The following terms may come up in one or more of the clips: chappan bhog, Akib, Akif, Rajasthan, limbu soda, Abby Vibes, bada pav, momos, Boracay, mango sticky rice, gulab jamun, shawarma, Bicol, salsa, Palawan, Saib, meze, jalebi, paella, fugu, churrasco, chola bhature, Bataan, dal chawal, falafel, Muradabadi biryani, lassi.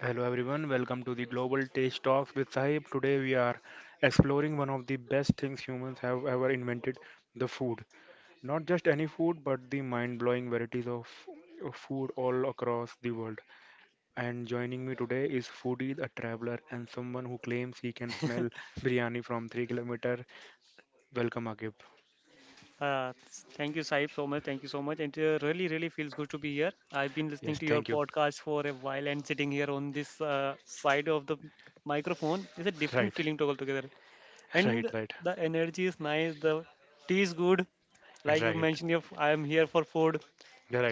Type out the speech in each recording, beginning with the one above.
Hello everyone, welcome to the Global Taste Talks with Sahib. Today we are exploring one of the best things humans have ever invented, the food. Not just any food, but the mind-blowing varieties of food all across the world. And joining me today is foodie, a traveler, and someone who claims he can smell biryani from 3 kilometer. Welcome Agib. Uh, Thank you, Saib, so much. Thank you so much. And really, feels good to be here. I've been listening Yes, to your thank you. podcast for a while, and sitting here on this side of the microphone is a different Right. feeling to altogether. Right, And right. the energy is nice. The tea is good. Like you Right. mentioned, your I am here for food.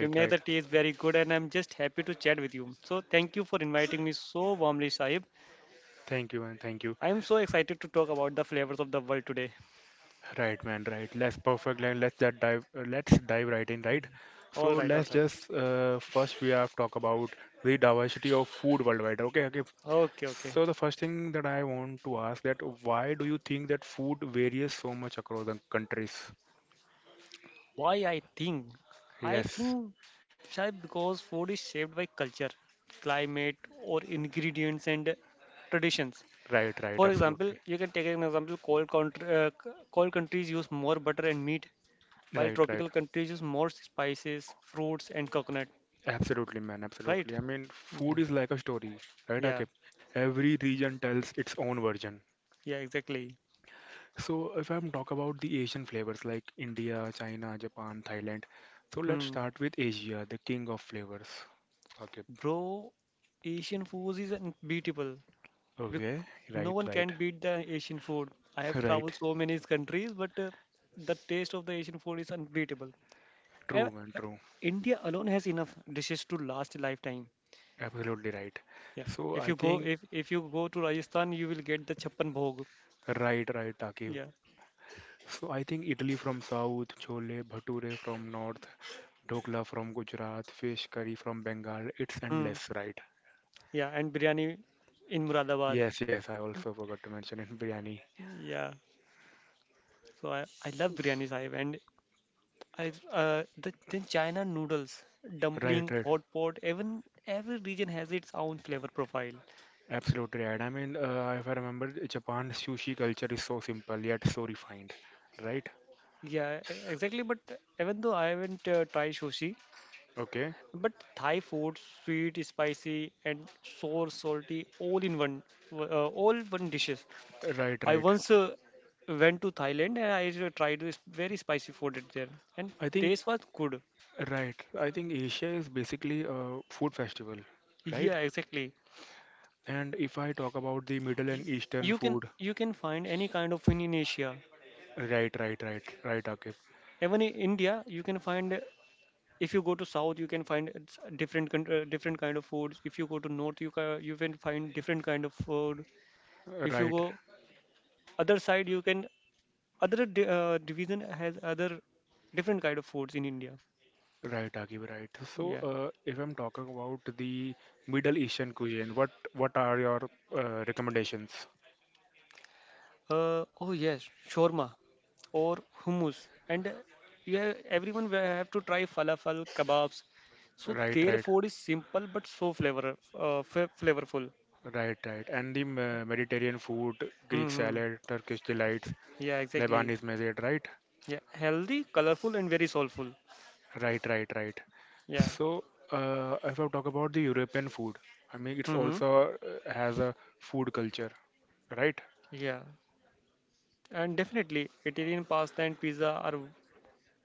You make the right. tea is very good, and I'm just happy to chat with you. So thank you for inviting me so warmly, Saib. Thank you and thank you. I am so excited to talk about the flavors of the world today. Right, man, right. Let's perfect. Let, let's that dive. Let's dive right in, right? So All right, all let's right. just first we have talk about the diversity of food worldwide. Okay, okay. Okay, okay. So the first thing that I want to ask that why do you think that food varies so much across the countries? Why I think? I Yes, think Shayad because food is shaped by culture, climate, or ingredients and traditions. right, right, For example, absolutely. you can take an example: cold country, cold countries use more butter and meat, while Right, right. tropical countries use more spices, fruits, and coconut. Absolutely, man, Right? absolutely. I mean, Yeah, food is like a story, right, yeah, Akib? Every region tells its own version. yeah, exactly. So if I'm talk about the Asian flavors like India, China, Japan, Thailand. So let's Hmm. start with Asia, the king of flavors. Okay. Bro, Asian food is unbeatable. Bec- Okay. no Right, one right. can beat the Asian food. I have Right. traveled so many countries, but the taste of the Asian food is unbeatable. And True, man, true. India alone has enough dishes to last a lifetime. Absolutely right. Yeah. So If I you go, think. if if you go to Rajasthan, you will get the chappan bhog. Right, right, Takib. Yeah. So I think Italy from south, chole bhature from north, dhokla from Gujarat, fish curry from Bengal. It's Hmm. endless, right? Yeah, and biryani in Muradabad. Yes, yes, I also forgot to mention in biryani. Yeah. So I love biryani sahib, and I then China noodles, Right, dumpling, right. hot pot, even every region has its own flavor profile. Absolutely right. I mean, if I remember, Japan's sushi culture is so simple yet so refined, right? Yeah, exactly. But even though I haven't tried sushi, Okay, but Thai food, sweet, spicy, and sour, salty, all in one, all one dishes. right, I right. once went to Thailand, and I tried this very spicy food at there, and I think, taste was good. right. I think Asia is basically a food festival, right? Yeah, exactly. And if I talk about the Middle and Eastern You can food, you can find any kind of food in Asia. right, right, right, right, Akib, Even in India, you can find. If you go to South, you can find it's different kind of foods. If you go to North, you can find different kind of food, if you right, go other side you can division has other different kind of foods in india, right, Akib, right. So, yeah. If I'm talking about the Middle Eastern cuisine, what are your recommendations? Oh, yes, shawarma or hummus, and yeah, everyone will have to try falafel, kebabs. So Right, their right. food is simple but so flavorful. Right, right. And the Mediterranean food, Greek Mm-hmm. salad, Turkish delights, Yeah, exactly. Lebanese mezze, right? Yeah, healthy, colorful, and very soulful. Right, right, right. Yeah. So, if I talk about the European food, I mean, it's Mm-hmm. also has a food culture, right? Yeah, and definitely italian pasta and pizza are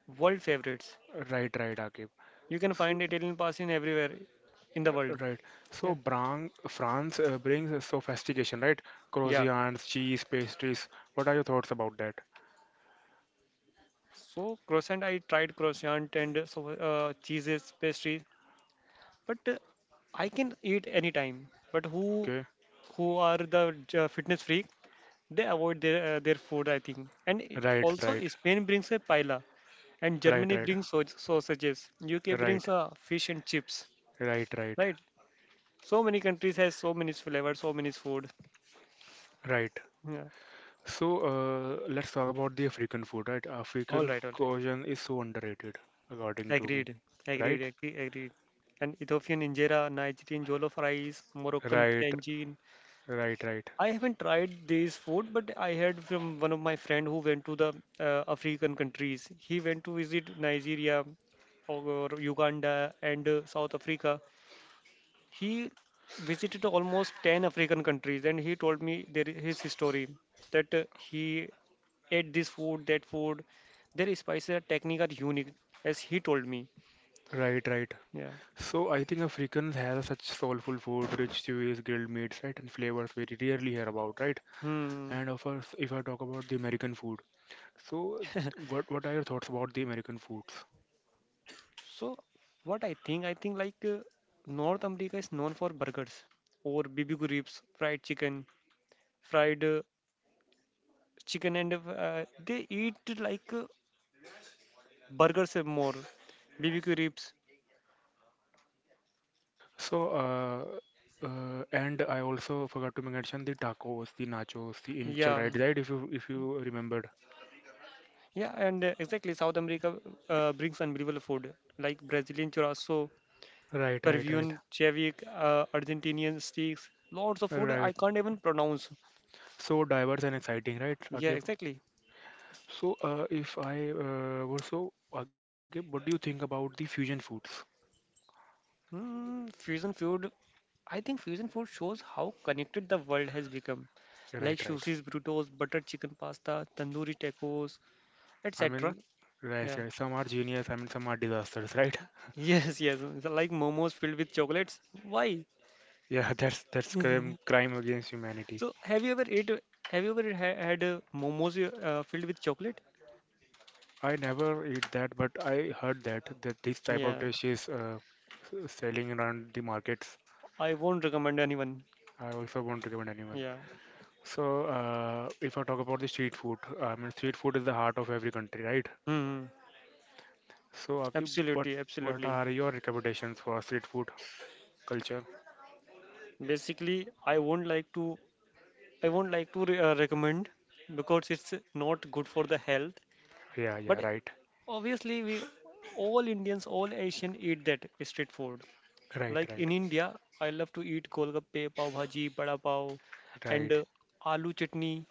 world favorites. Right, right, Akib. You can So, find Italian pass in everywhere in the world. right. Yeah, So, France brings sophistication, right? yeah. Croissants, cheese, pastries. What are your thoughts about that? So croissant, I tried croissant and so cheeses, pastries, but I can eat anytime. But Okay. who are the fitness freak? They avoid their food, I think. And Right, right, also Spain brings a paella, and right, Germany right, brings sausages. UK right, brings fish and chips, right, right, right? So many countries has so many flavors, so many food. right. Yeah. So let's talk about the African food, right? All African right, all right. cuisine is so underrated, according to me, Agreed, agreed, right? agreed, agreed. And Ethiopian injera, Nigerian jollof rice, Moroccan Right, tangine. right, right, I haven't tried this food, but I heard from one of my friend who went to the African countries. He went to visit Nigeria or Uganda, and South Africa. He visited almost 10 African countries, and he told me there his story that he ate this food, that food. Their spices are technique are unique, as he told me. right, right. Yeah. So I think Africans have such soulful food, rich chews, grilled meats, right, and flavors we rarely hear about, right? Hmm. And of course, if I talk about the American food, so what are your thoughts about the American foods? So, what I think, I think North America is known for burgers or BBQ ribs, fried chicken, fried chicken, and they eat like burgers more, BBQ ribs. So and I also forgot to mention the tacos, the nachos, the Yeah, enchiladas, right? Right, if you remember. yeah, and exactly. South America brings unbelievable food like Brazilian churrasco, Right, right, right, Peruvian chevic, Argentinian steaks, lots of food I right. can't even pronounce. So diverse and exciting, right, Yeah, Agib? exactly. So, if I were so, Agib, what do you think about the fusion foods? Hmm, fusion food. I think fusion food shows how connected the world has become, Right, like right. sushis, burritos, butter chicken pasta, tandoori tacos, I etc. mean, right, Yeah. right. Some are genius, I mean, some are disasters, right? Yes, yes. it's Like momos filled with chocolates. Why? Yeah, that's crime against humanity. So, have you ever ate? Have you ever had momos filled with chocolate? I never eat that, but I heard that this type of Yeah. dish is selling around the markets. I won't recommend anyone. I also won't recommend anyone. Yeah. So, if I talk about the street food, I mean, street food is the heart of every country, right? Hmm. So, Akib, what Absolutely, what absolutely. are your recommendations for street food culture? Basically, I won't like to. I won't like to recommend, because it's not good for the health. Yeah, yeah, But right, obviously, we all Indians, all Asian eat that street food. right, Like right, in India, I love to eat golgappe, pav bhaji, bada pav, and right, aloo chutney.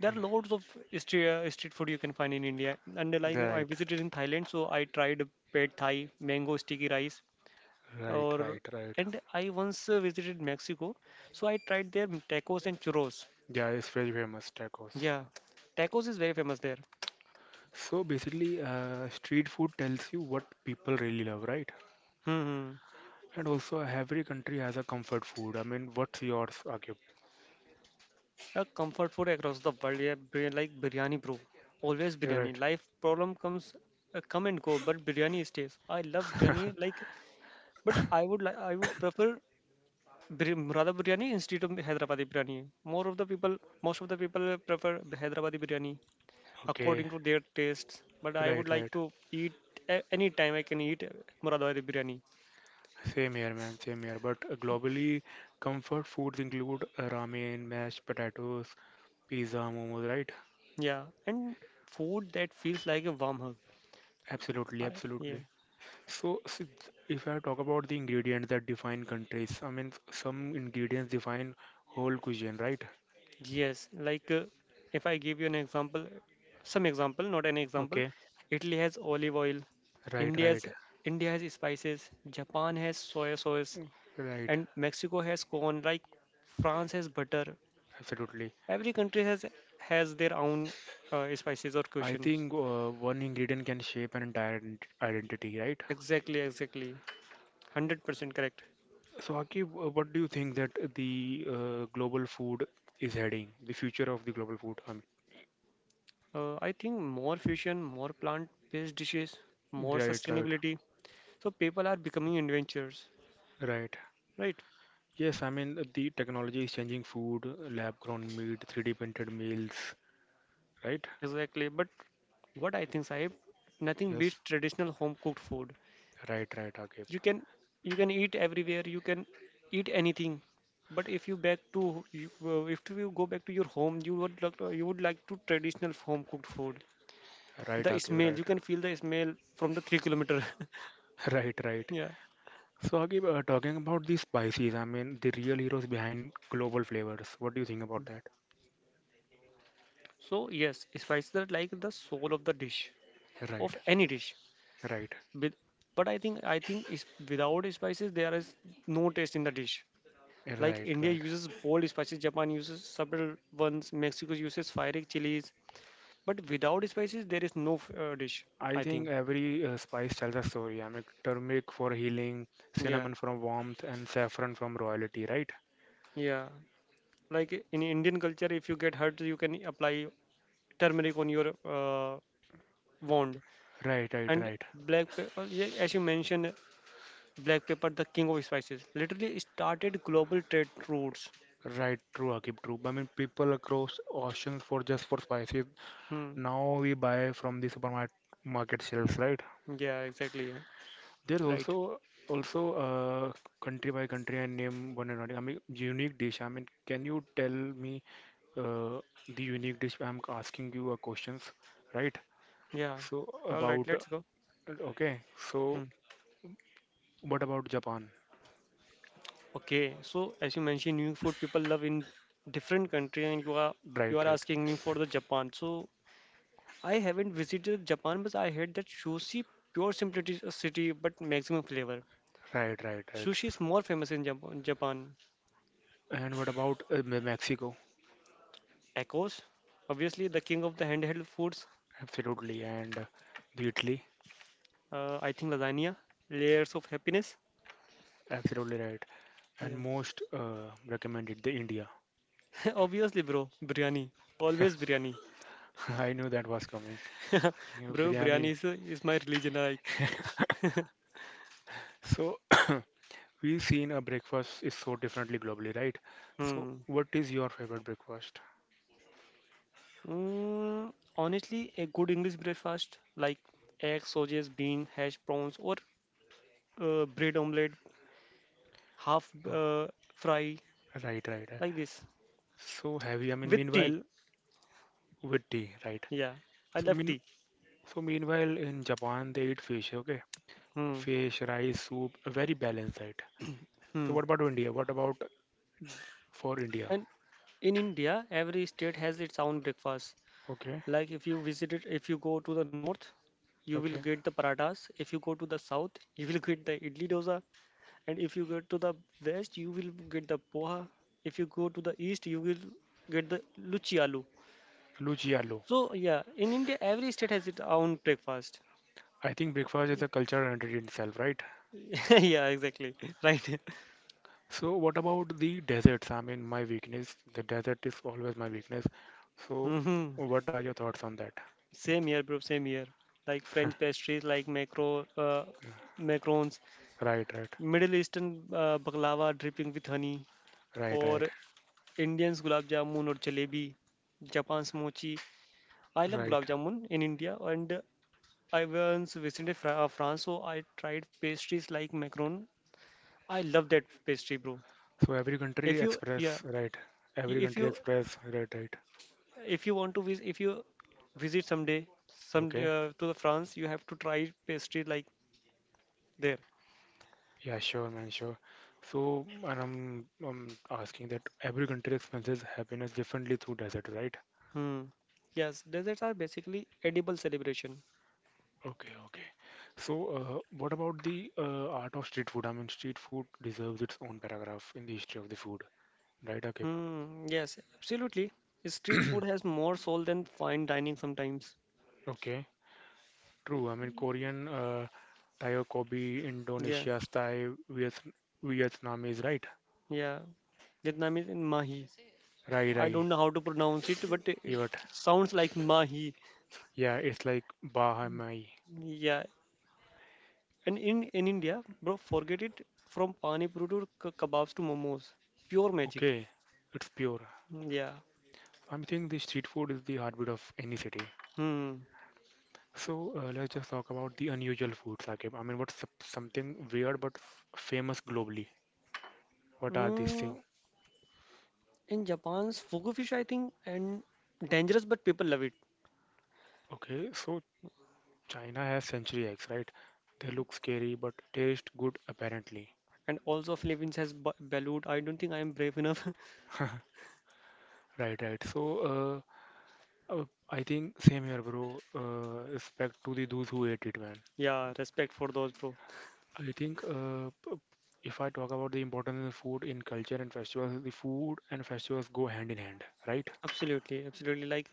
There are loads of street food you can find in India. And like I right, visited in Thailand, so I tried pad Thai, mango sticky rice, right, or right, right. and I once visited Mexico, so I tried their tacos and churros. Yeah, it's very famous tacos. Yeah, tacos is very famous there. So basically, street food tells you what people really love, right? Hmm. Hmm. And also, every country has a comfort food. I mean, what's yours, Akib? A comfort food across the world, yeah, like biryani, bro. Always You're biryani. right. Life problem comes, come and go, but biryani stays. I love biryani, like, but I would prefer Murada biryani instead of Hyderabadi biryani. More of the people, most of the people prefer the Hyderabadi biryani Okay, according to their tastes. But I would right, like right. to eat any time I can eat Muradabadi biryani. Same here, man. Same here. But globally, comfort foods include ramen, mashed potatoes, pizza, momos, right? Yeah, and food that feels like a warm hug. Absolutely, I, yeah. absolutely. So, if I talk about the ingredients that define countries, I mean, some ingredients define whole cuisine, right? Yes, like if I give you an example, some example, not an example. Okay, Italy has olive oil, right, right, India's India has spices, Japan has soy sauce, Mm, right. and Mexico has corn. Like France has butter. Absolutely. Every country has their own spices or I cuisine. think one ingredient can shape an entire identity, right? Exactly, exactly, 100% correct. So, Akib, what do you think that the global food is heading? The future of the global food, I mean, I think more fusion, more plant-based dishes, more right, right, sustainability. So people are becoming adventurers, right. right? Yes, I mean, the technology is changing food, lab-grown meat, 3D printed meals, right? Exactly. But what I think, Sahib, nothing beats Yes, traditional home cooked food. right, right, Akib. You can you can eat everywhere. You can eat anything. But if you back to you, if you go back to your home, you would like to traditional home cooked food. Right, The Akib, smell right. you can feel the smell from the 3 kilometers. Right, right. Yeah. So, Akib, talking about the spices, I mean, the real heroes behind global flavors. What do you think about that? So yes, spices are like the soul of the dish, of Right, any dish. right, With, but I think is without spices there is no taste in the dish. Like right, India right. uses bold spices, Japan uses subtle ones, Mexico uses fiery chilies. But without spices, there is no dish, I I think think. every spice tells a story. I mean, turmeric for healing, Yeah, cinnamon from warmth, and saffron from royalty, right? yeah. Like in Indian culture, if you get hurt, you can apply turmeric on your wound. Right, right, And right. black pepper, yeah, as you mentioned, black pepper, the king of spices, literally started global trade routes. Right, true, Akib, true. I mean, people across oceans for just for spices. Hmm. Now we buy from the supermarket market shelves, right? Yeah, exactly. Yeah. There's Right. also a country by country and name one and only. I mean unique dish. I mean, can you tell me uh, the unique dish? I'm asking you a questions, right? Yeah. So All right, about let's go. okay. Hmm. So what about Japan? Okay, so as you mentioned, new food people love in different country, and you are you Right, are right, asking me for the Japan. So I haven't visited Japan, but I heard that sushi pure simplicity but maximum flavor. right, right, right. Sushi is more famous in Japan. Japan. And what about Mexico? Tacos, obviously the king of the handheld foods. Absolutely, and the Italy. I think lasagna, layers of happiness. Absolutely right. And Yeah, most recommended the India. obviously, bro, biryani, always biryani. I knew that was coming. You know, Bro, biryani biryani. is, is my religion. Like, So. We've seen a breakfast is so differently globally, right? So, hmm. what is your favorite breakfast? Mm, honestly, a good English breakfast like eggs, sausages, bean, hash browns, or bread omelette, half Oh, fry right, right, right. like this So heavy. I mean, with tea. meanwhile, with tea, right? Yeah, I So love mean, tea. so meanwhile, in Japan, they eat fish. Okay, Hmm. fish, rice, soup, very balanced diet. So Hmm. what about India? What about for India? And in India, every state has its own breakfast. Okay, Like if you go to the north, you will okay. get the parathas. If you go to the south, you will get the idli dosa. And if you go to the west, you will get the poha. If you go to the east, you will get the luchi aloo. Luciano. So yeah, in India, every state has its own breakfast. I think breakfast is a cultural entity in itself, right? Yeah, exactly. Right. So what about the deserts? I mean, my weakness. The desert is always my weakness. So Hmm. what are your thoughts on that? Same here, bro. Same here. Like Huh. French pastries, like macarons, Right, right, Middle Eastern baklava dripping with honey, right, or right, Indians gulab jamun or jalebi, Japan's mochi. I love gulab right. jamun in India, and I once visited France, so I tried pastries like macaron. I love that pastry, bro. So every If country you, yeah, express, right? i- Every if country you, express, right, right. if you want to visit, if you visit someday, some Okay. To the France, you have to try pastry like there. Yeah, sure, man, sure. So, and I'm asking that every country expresses happiness differently through desert, right? Hmm. Yes, desserts are basically edible celebration. Okay, okay. So, what about the art of street food? I mean, street food deserves its own paragraph in the history of the food, right, Akib? Hmm. Yes, absolutely. Street food has more soul than fine dining sometimes. Okay, true. I mean, Korean, Thai or Kobe, Yeah, Indonesia's Thai, Vietnamese, right? yeah. Vietnamese in mahi. Rai I Rai, don't know how to pronounce it, but it Yot. sounds like mahi. Yeah, it's like Bahamai. Yeah, and in India, bro, forget it, from pani puri to kebabs to momos. Pure magic. Okay, it's pure. Yeah. I'm thinking the street food is the heartbeat of any city. Hmm. So let's just talk about the unusual food, Sakib. I mean, what's something weird but famous globally? What are these Mm, things? in Japan's fugu fish, I think, and dangerous, but people love it. Okay, so China has century eggs, right? They look scary but taste good apparently. And also Philippines has balut. I don't think I am brave enough. Right, right. So, uh, uh, I think same here, bro. Respect to the those who ate it, man. Yeah, respect for those, bro. I think if I talk about the importance of food in culture and festivals, the food and festivals go hand in hand, right? Absolutely, absolutely. Like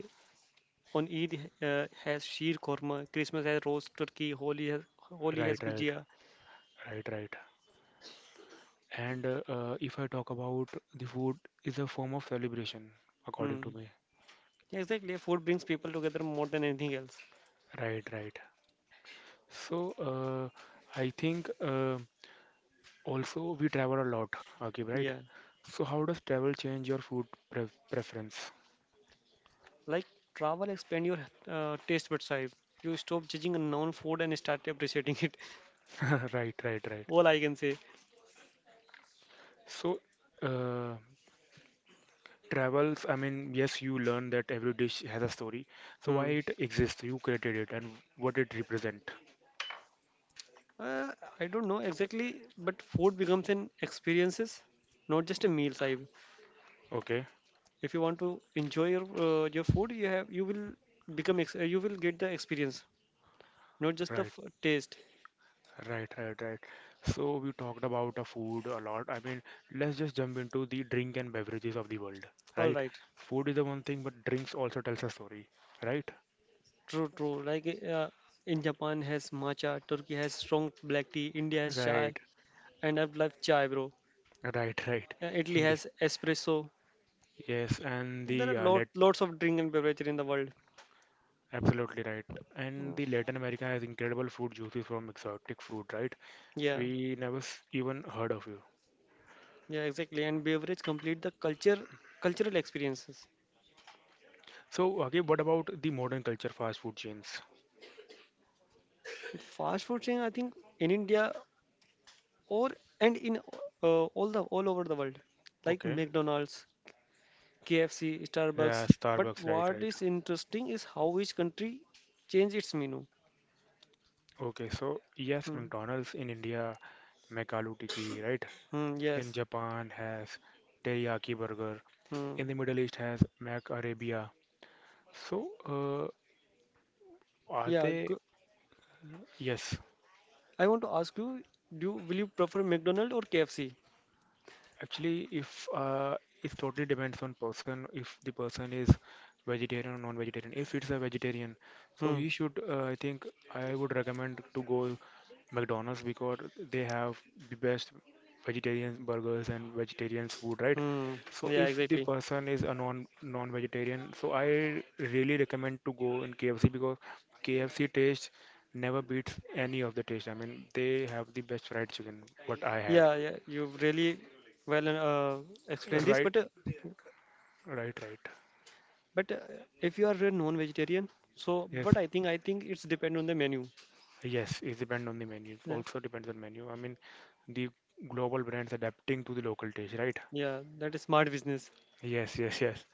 on Eid has sheer korma, Christmas has roast turkey, Holi has Right, right, gujia. right, right. And if I talk about the food is a form of celebration, according to Hmm. me. Yeah, exactly. Food brings people together more than anything else. Right, right. So I think also we travel a lot, okay, right? Yeah. So how does travel change your food pre preference? Like travel expand your taste buds side. You stop judging a known food and start appreciating it. Right, right, right. All I can say. So uh, travels. I mean, yes, you learn that every dish has a story, so why Hmm. it exists, you created it and what it represent. Uh, I don't know exactly, but food becomes an experiences, not just a meal Sahib. Okay, If you want to enjoy your food, you will become you will get the experience, not just the right, taste. right, right, right. So we talked about a food a lot. I mean, let's just jump into the drink and beverages of the world, All right? right, Food is the one thing but drinks also tells a story, right, true, true. Like uh, in Japan has matcha, Turkey has strong black tea, India has chai, right, and I've loved chai, bro. right, right. Italy India, has espresso. yes, and There are the let lots of drink and beverage in the world. absolutely right. And Mm, the Latin America has incredible food juices from exotic fruit, right? yeah, We never even heard of it. yeah, exactly. And beverage complete the culture, cultural experiences. So, okay, what about the modern culture fast food chains? Fast food chain, I think, in India or and in all over the world, like Okay, McDonald's, KFC, yeah, Starbucks. But Starbucks, right, what right. is interesting is how each country change its menu. Okay, so yes, Hmm. McDonald's in India, make aloo tikki, right? Hmm, yes. In Japan has teriyaki burger. In Hmm. the Middle East has Mac Arabia. So, are Yeah. they? Go, Yes, I want to ask you, do you, will you prefer McDonald's or KFC? actually, if it totally depends on person. If the person is vegetarian or non-vegetarian, if it's a vegetarian, so Hmm. he should. I think I would recommend to go McDonald's because they have the best vegetarian burgers and vegetarian food, right? Hmm. So Yeah. if the Exactly. person is a non-vegetarian, so I really recommend to go in KFC because KFC taste never beats any of the taste. I mean, they have the best fried chicken what I had. Yeah, yeah, you've really well explained this, Right, but uh, right, right. but uh, if you are a non-vegetarian, so Yes, I think it's depend on the menu. yes, it depends on the menu. It Yeah, also depends on menu. I mean, the global brands adapting to the local taste, right? yeah, that is smart business. Yes, yes, yes.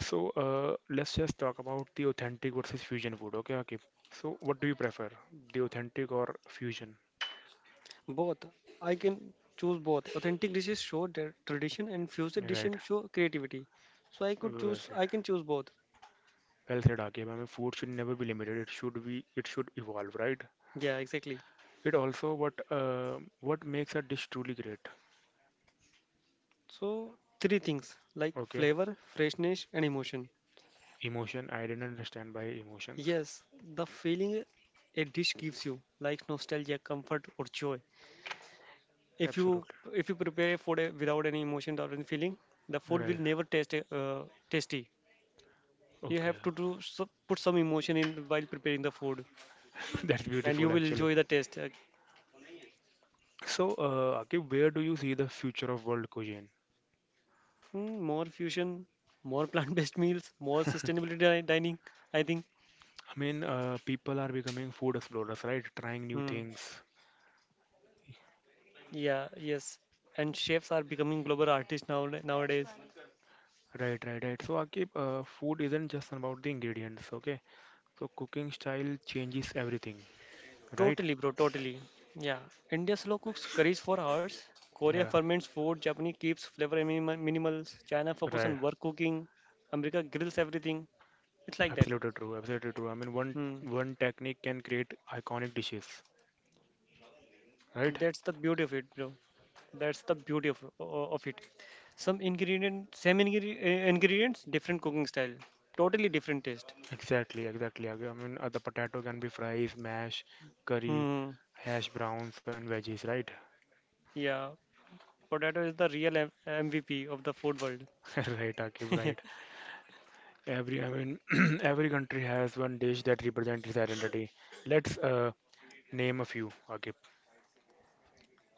So let's just talk about the authentic versus fusion food. Okay, Akib. So what do you prefer, the authentic or fusion? Both, I can choose both. Authentic dishes show their tradition, and fusion Right. dishes show creativity. So Well I said. can choose both. Well said, Akib. I mean, food should never be limited. It should be. It should evolve, right? Yeah, exactly. It also what makes a dish truly great. So three things like Okay. flavor, freshness, and emotion. Emotion. I didn't understand by emotions. Yes, the feeling a dish gives you, like nostalgia, comfort, or joy. if you Absolutely. if you prepare food without any emotion or any feeling, the food will Right. never taste tasty. You Okay. have to do so, put some emotion in while preparing the food That's and you beautiful, will actually. enjoy the taste. So, Akib, where do you see the future of world cuisine? More fusion, more plant-based meals, more dining, I think. I mean, people are becoming food explorers, right? Trying new Mm, things. yeah, yes. And chefs are becoming global artists nowadays. Right, right, right. So, Akib, food isn't just about the ingredients, okay? So, cooking style changes everything, right? Totally, bro, totally. Yeah. India slow cooks curries for hours. Korea Yeah, ferments food. Japanese keeps flavor minimals. China focus on right. work cooking. America grills everything. It's like that. Absolutely true. Absolutely true. I mean, one Hmm. one technique can create iconic dishes, right? That's the beauty of it, bro. That's the beauty of it. Same ingredients, different cooking style. Totally different taste. Exactly, exactly. Akib. I mean, the potato can be fries, mash, curry, Hmm. hash browns, and veggies, right? Yeah. Potato is the real MVP of the food world. Right, Akib, right. Every, I mean, every country has one dish that represents its identity. Let's name a few. Okay,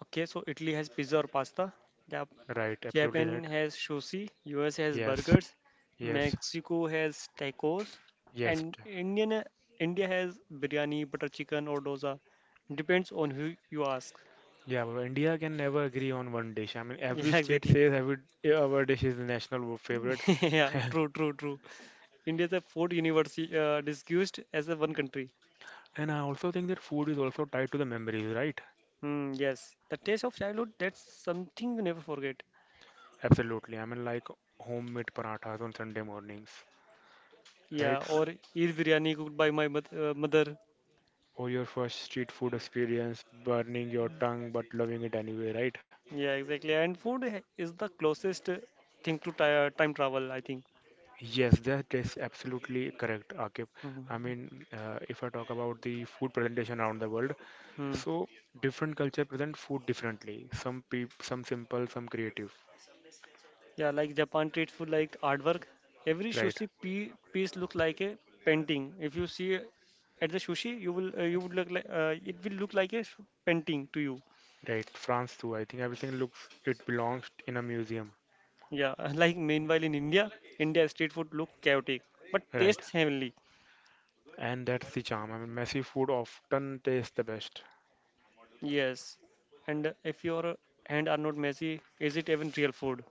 Okay, so Italy has pizza or pasta. Jap- right, absolutely Japan right. has sushi. US has Yes, burgers. yes, Mexico has tacos. yes. And Indian India has biryani, butter chicken, or dosa. Depends on who you ask. Yeah, well, India can never agree on one dish. I mean, every Yeah, state exactly. says our dish is the national favorite, Yeah, true, true, true. India is a food university disguised as a one country. and I also think that food is also tied to the memories, right? Hmm, yes, the taste of childhood, that's something you never forget. Absolutely. I mean, like homemade parathas on Sunday mornings, Yeah, right? or eat biryani cooked by my mother. Or your first street food experience, burning your tongue but loving it anyway, right? Yeah, exactly. And food is the closest thing to ti time travel, I think. Yes, that is absolutely correct, Akif. I Mhm. mean, if I talk about the food presentation around the world, Hmm. so different culture present food differently. Some simple, some creative. Yeah, like Japan treats food like artwork. Every Right, piece looks like a painting. If you see at the sushi, you would look like, it will look like a painting to you. right. France too. I think everything looks it belongs in a museum. Yeah, like meanwhile in India street food look chaotic but Right, tastes heavenly. and that's the charm. I mean, messy food often tastes the best. Yes, and if your hand are not messy, is it even real food?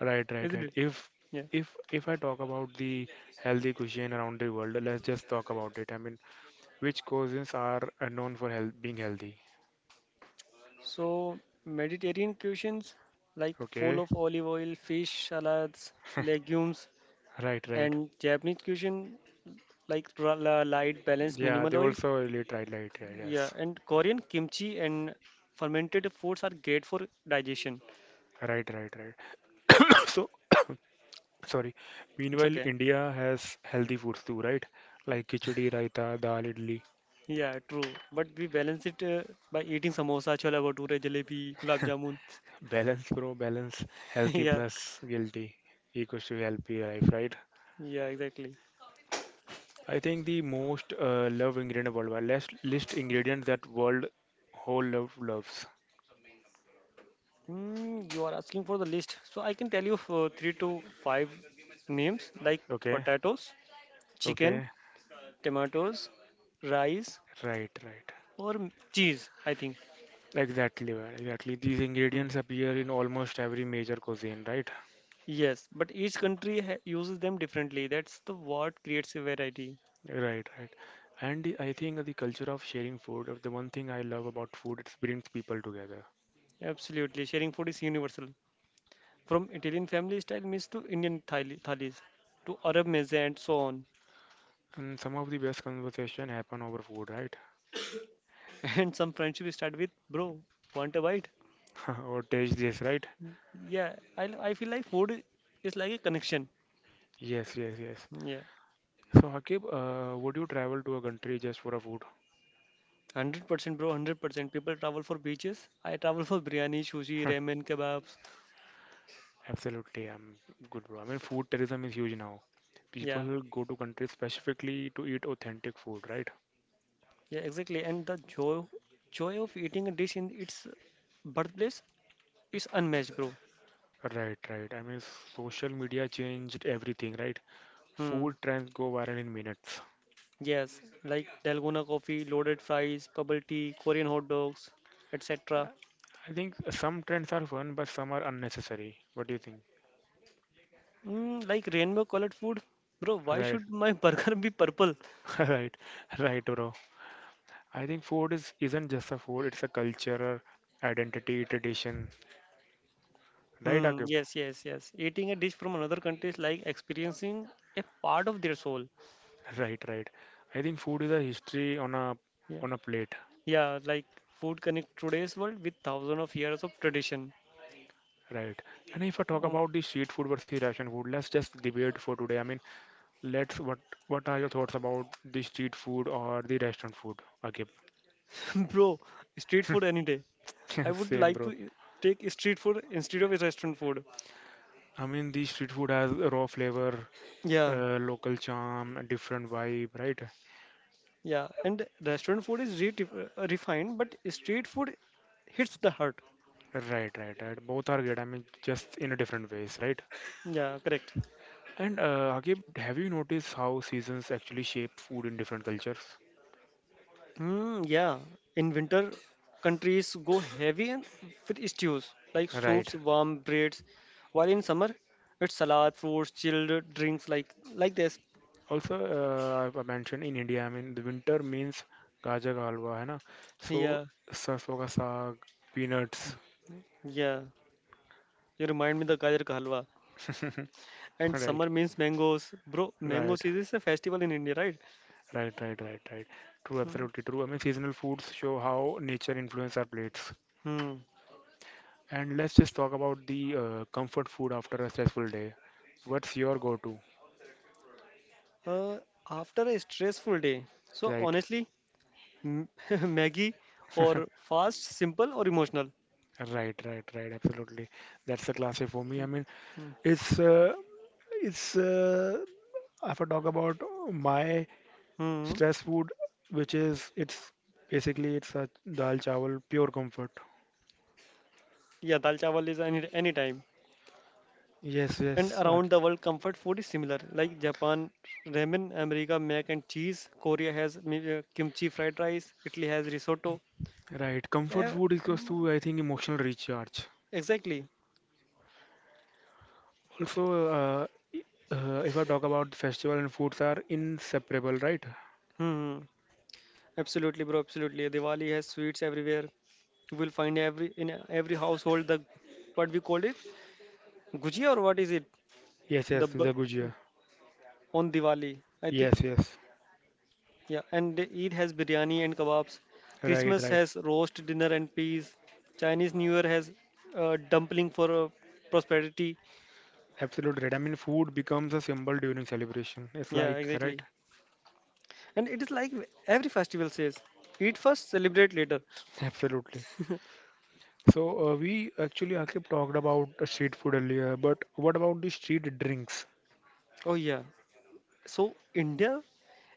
Right, right, Isn't right. it? Yeah. If I talk about the healthy cuisine around the world, let's just talk about it. I mean, which cuisines are known for health, being healthy? So, Mediterranean cuisines like full Okay. of olive oil, fish, salads, legumes, Right, right. and Japanese cuisine like light, balanced, Yeah, minimal they oil. also elite. Right, right, right. Yeah, Yes. and Korean kimchi and fermented foods are great for digestion. Right, right, right. So, sorry. It's Meanwhile, okay. India has healthy foods too, right? Like khichdi, raita, dal, idli. Yeah, true. But we balance it by eating samosa, chola bhature, jalebi, gulab jamun. Balance, bro. Balance. Healthy Yeah, plus guilty equals to healthy life, right? yeah, exactly. I think the most loved ingredient worldwide. Let's list ingredients that world whole loves. Mm, you are asking for the list. So I can tell you for three to five names like Okay. potatoes, chicken, Okay. tomatoes, rice, Right, right. or cheese, I think. Exactly, man. Exactly. These Mm. ingredients appear in almost every major cuisine, right? Yes, but each country uses them differently. That's the what creates a variety. Right, right. And I think the culture of sharing food, the one thing I love about food, it brings people together. Absolutely, sharing food is universal. From Italian family style meals to Indian thalis, to Arab meze and so on. And some of the best conversation happen over food, right? And some friendship start with bro, want a bite? Or taste this, right? Yeah, I feel like food is like a connection. Yes, yes, yes. Yeah. So, Hakib, would you travel to a country just for a food? 100% bro, 100%. People travel for beaches. I travel for biryani, sushi, ramen, kebabs. Absolutely, I'm good, bro. I mean, food tourism is huge now. Yeah. People go to countries specifically to eat authentic food, right? Yeah, exactly. And the joy of eating a dish in its birthplace is unmatched, bro. Right, right. I mean, social media changed everything, right? Food Hmm. trends go viral in minutes. Yes, like Dalgona coffee, loaded fries, bubble tea, Korean hot dogs, etc. Uh, I think some trends are fun, but some are unnecessary. What do you think? Mm, like rainbow colored food, bro. Why Right, should my burger be purple? right, right, bro. I think food is isn't just a food; it's a culture, identity, tradition. Right, Hmm. Akib? Yes, yes, yes. Eating a dish from another country is like experiencing a part of their soul. Right, right. I think food is a history Yeah, on a plate. yeah. Like food connect today's world with thousands of years of tradition. Right. And if I talk Oh, about the street food versus ration food, let's just debate for today. I mean. Let's what are your thoughts about the street food or the restaurant food? Okay, bro, street food any day. I would same like bro. to take street food instead of restaurant food. I mean, the street food has a raw flavor, Yeah, local charm, a different vibe, right? yeah. And restaurant food is refined, but street food hits the heart. Right, right, right. Both are good. I mean, just in a different ways, right? Yeah, correct. And Agib, have you noticed how seasons actually shape food in different cultures? Hmm. Yeah. In winter, countries go with stews like Right. soups, warm breads, while in summer, it's salad, fruits, chilled drinks like this. Also, I mentioned in India, I mean, the winter means gajar ka halwa, hai na? So, Yeah, sarson ka saag, peanuts, yeah. You remind me the gajar ka halwa. And right? summer means mangoes, bro. Mango Right, season is a festival in India, right? right, right, right, right. True, Hmm. absolutely true. I mean, seasonal foods show how nature influences our plates. Hmm. And let's just talk about the comfort food after a stressful day. What's your go-to? Uh, after a stressful day. So Right. honestly, m- Maggie or fast, simple or emotional. Right, right, right. Absolutely. That's the classic for me. I mean, Hmm. it's uh, it's if I talk about my Hmm. stress food, which is it's basically it's a dal chawal, pure comfort. Yeah, dal chawal is anytime. Yes, And yes. Around the world, comfort food is similar. Like Japan, ramen, America, mac and cheese. Korea has kimchi fried rice. Italy has risotto. Right. Comfort Yeah, food is close mm, to I think emotional recharge. exactly. Also, uh, if I talk about festival and foods are inseparable, right? Hmm. Absolutely, bro. Absolutely. Diwali has sweets everywhere. You will find every household the, what we call it, gujia or what is it? Yes, the yes, the b- gujia. on Diwali, I think. Yes, yes. Yeah, and the Eid has biryani and kebabs. Right, Christmas right. has roast dinner and peas. Chinese New Year has dumpling for prosperity. Absolutely right. I mean, food becomes a symbol during celebration. It's Yeah, like, right? exactly. And it is like every festival says, eat first, celebrate later. Absolutely. So, we actually talked about street food earlier, but what about the street drinks? Oh yeah. So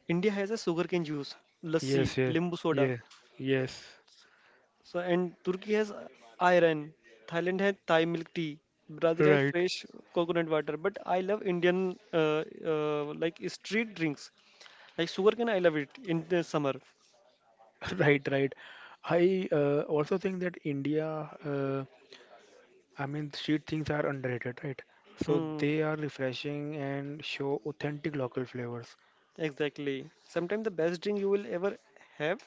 India has a sugarcane juice, lassi, Yes, yes, limbu soda. yes, yes. So, and Turkey has iron, Thailand has Thai milk tea, Brazil has Right, fresh coconut water. But I love Indian like street drinks, like sugarcane. I love it in the summer. right, right. I also think that India uh, I mean, street things are underrated, right? So Hmm, they are refreshing and show authentic local flavors. exactly. Sometimes the best drink you will ever have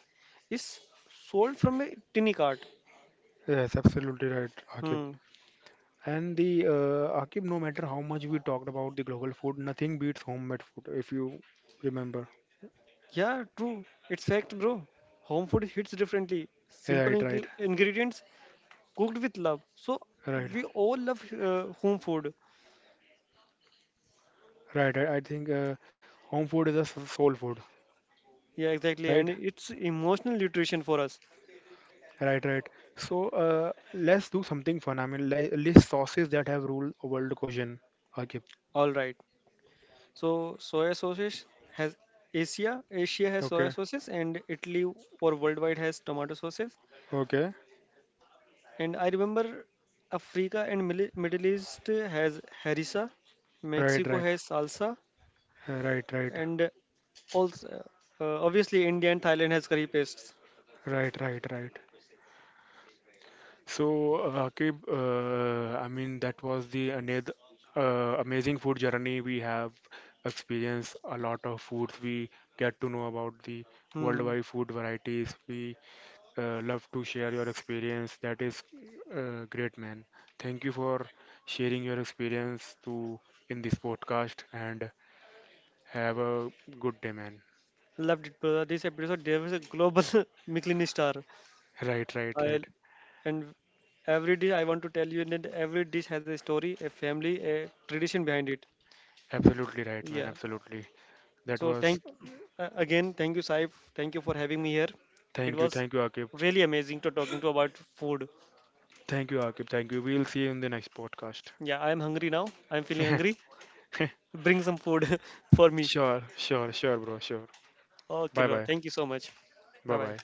is sold from a tinny cart. Yes, absolutely right, Akib. Hmm. And the Akib, no matter how much we talked about the global food, nothing beats homemade food, if you remember. Yeah, true. It's fact, bro. Home food hits differently. Simple Right, right, ingredients cooked with love. So Right, we all love home food. right. I think home food is a soul food, Yeah, exactly. right? And it's emotional nutrition for us. Right, right. So let's do something fun. I mean, list sauces that have ruled world cuisine, Akib. All right. So soya sauces has Asia. Asia has soya Okay, sauces and Italy or worldwide has tomato sauces. okay, And I remember Africa and Middle East has harissa. right, Mexico right, has salsa. Right, right. And also, obviously, India and Thailand has curry pastes. Right, right, right. So, Akib, I mean, that was the amazing food journey we have experienced. A lot of foods we get to know about the Hmm. worldwide food varieties. We love to share your experience. That is great, man. Thank you for sharing your experience to in this podcast and have a good day, man. Loved it, brother. This episode, there was a global Michelin star. Right, right, I right. and every dish, I want to tell you that every dish has a story, a family, a tradition behind it. Absolutely right, man. Yeah. Absolutely. That So was. thank again, thank you, Saif. Thank you for having me here. It was Thank you, Akib. really amazing to talking to about food. Thank you, Akib. Thank you. We'll see you in the next podcast. Yeah, I am hungry now. I'm feeling hungry. Bring some food for me. Sure, sure, sure, bro. Sure. Okay, Bye bro. bye. Thank you so much. Bye Bye bye. bye.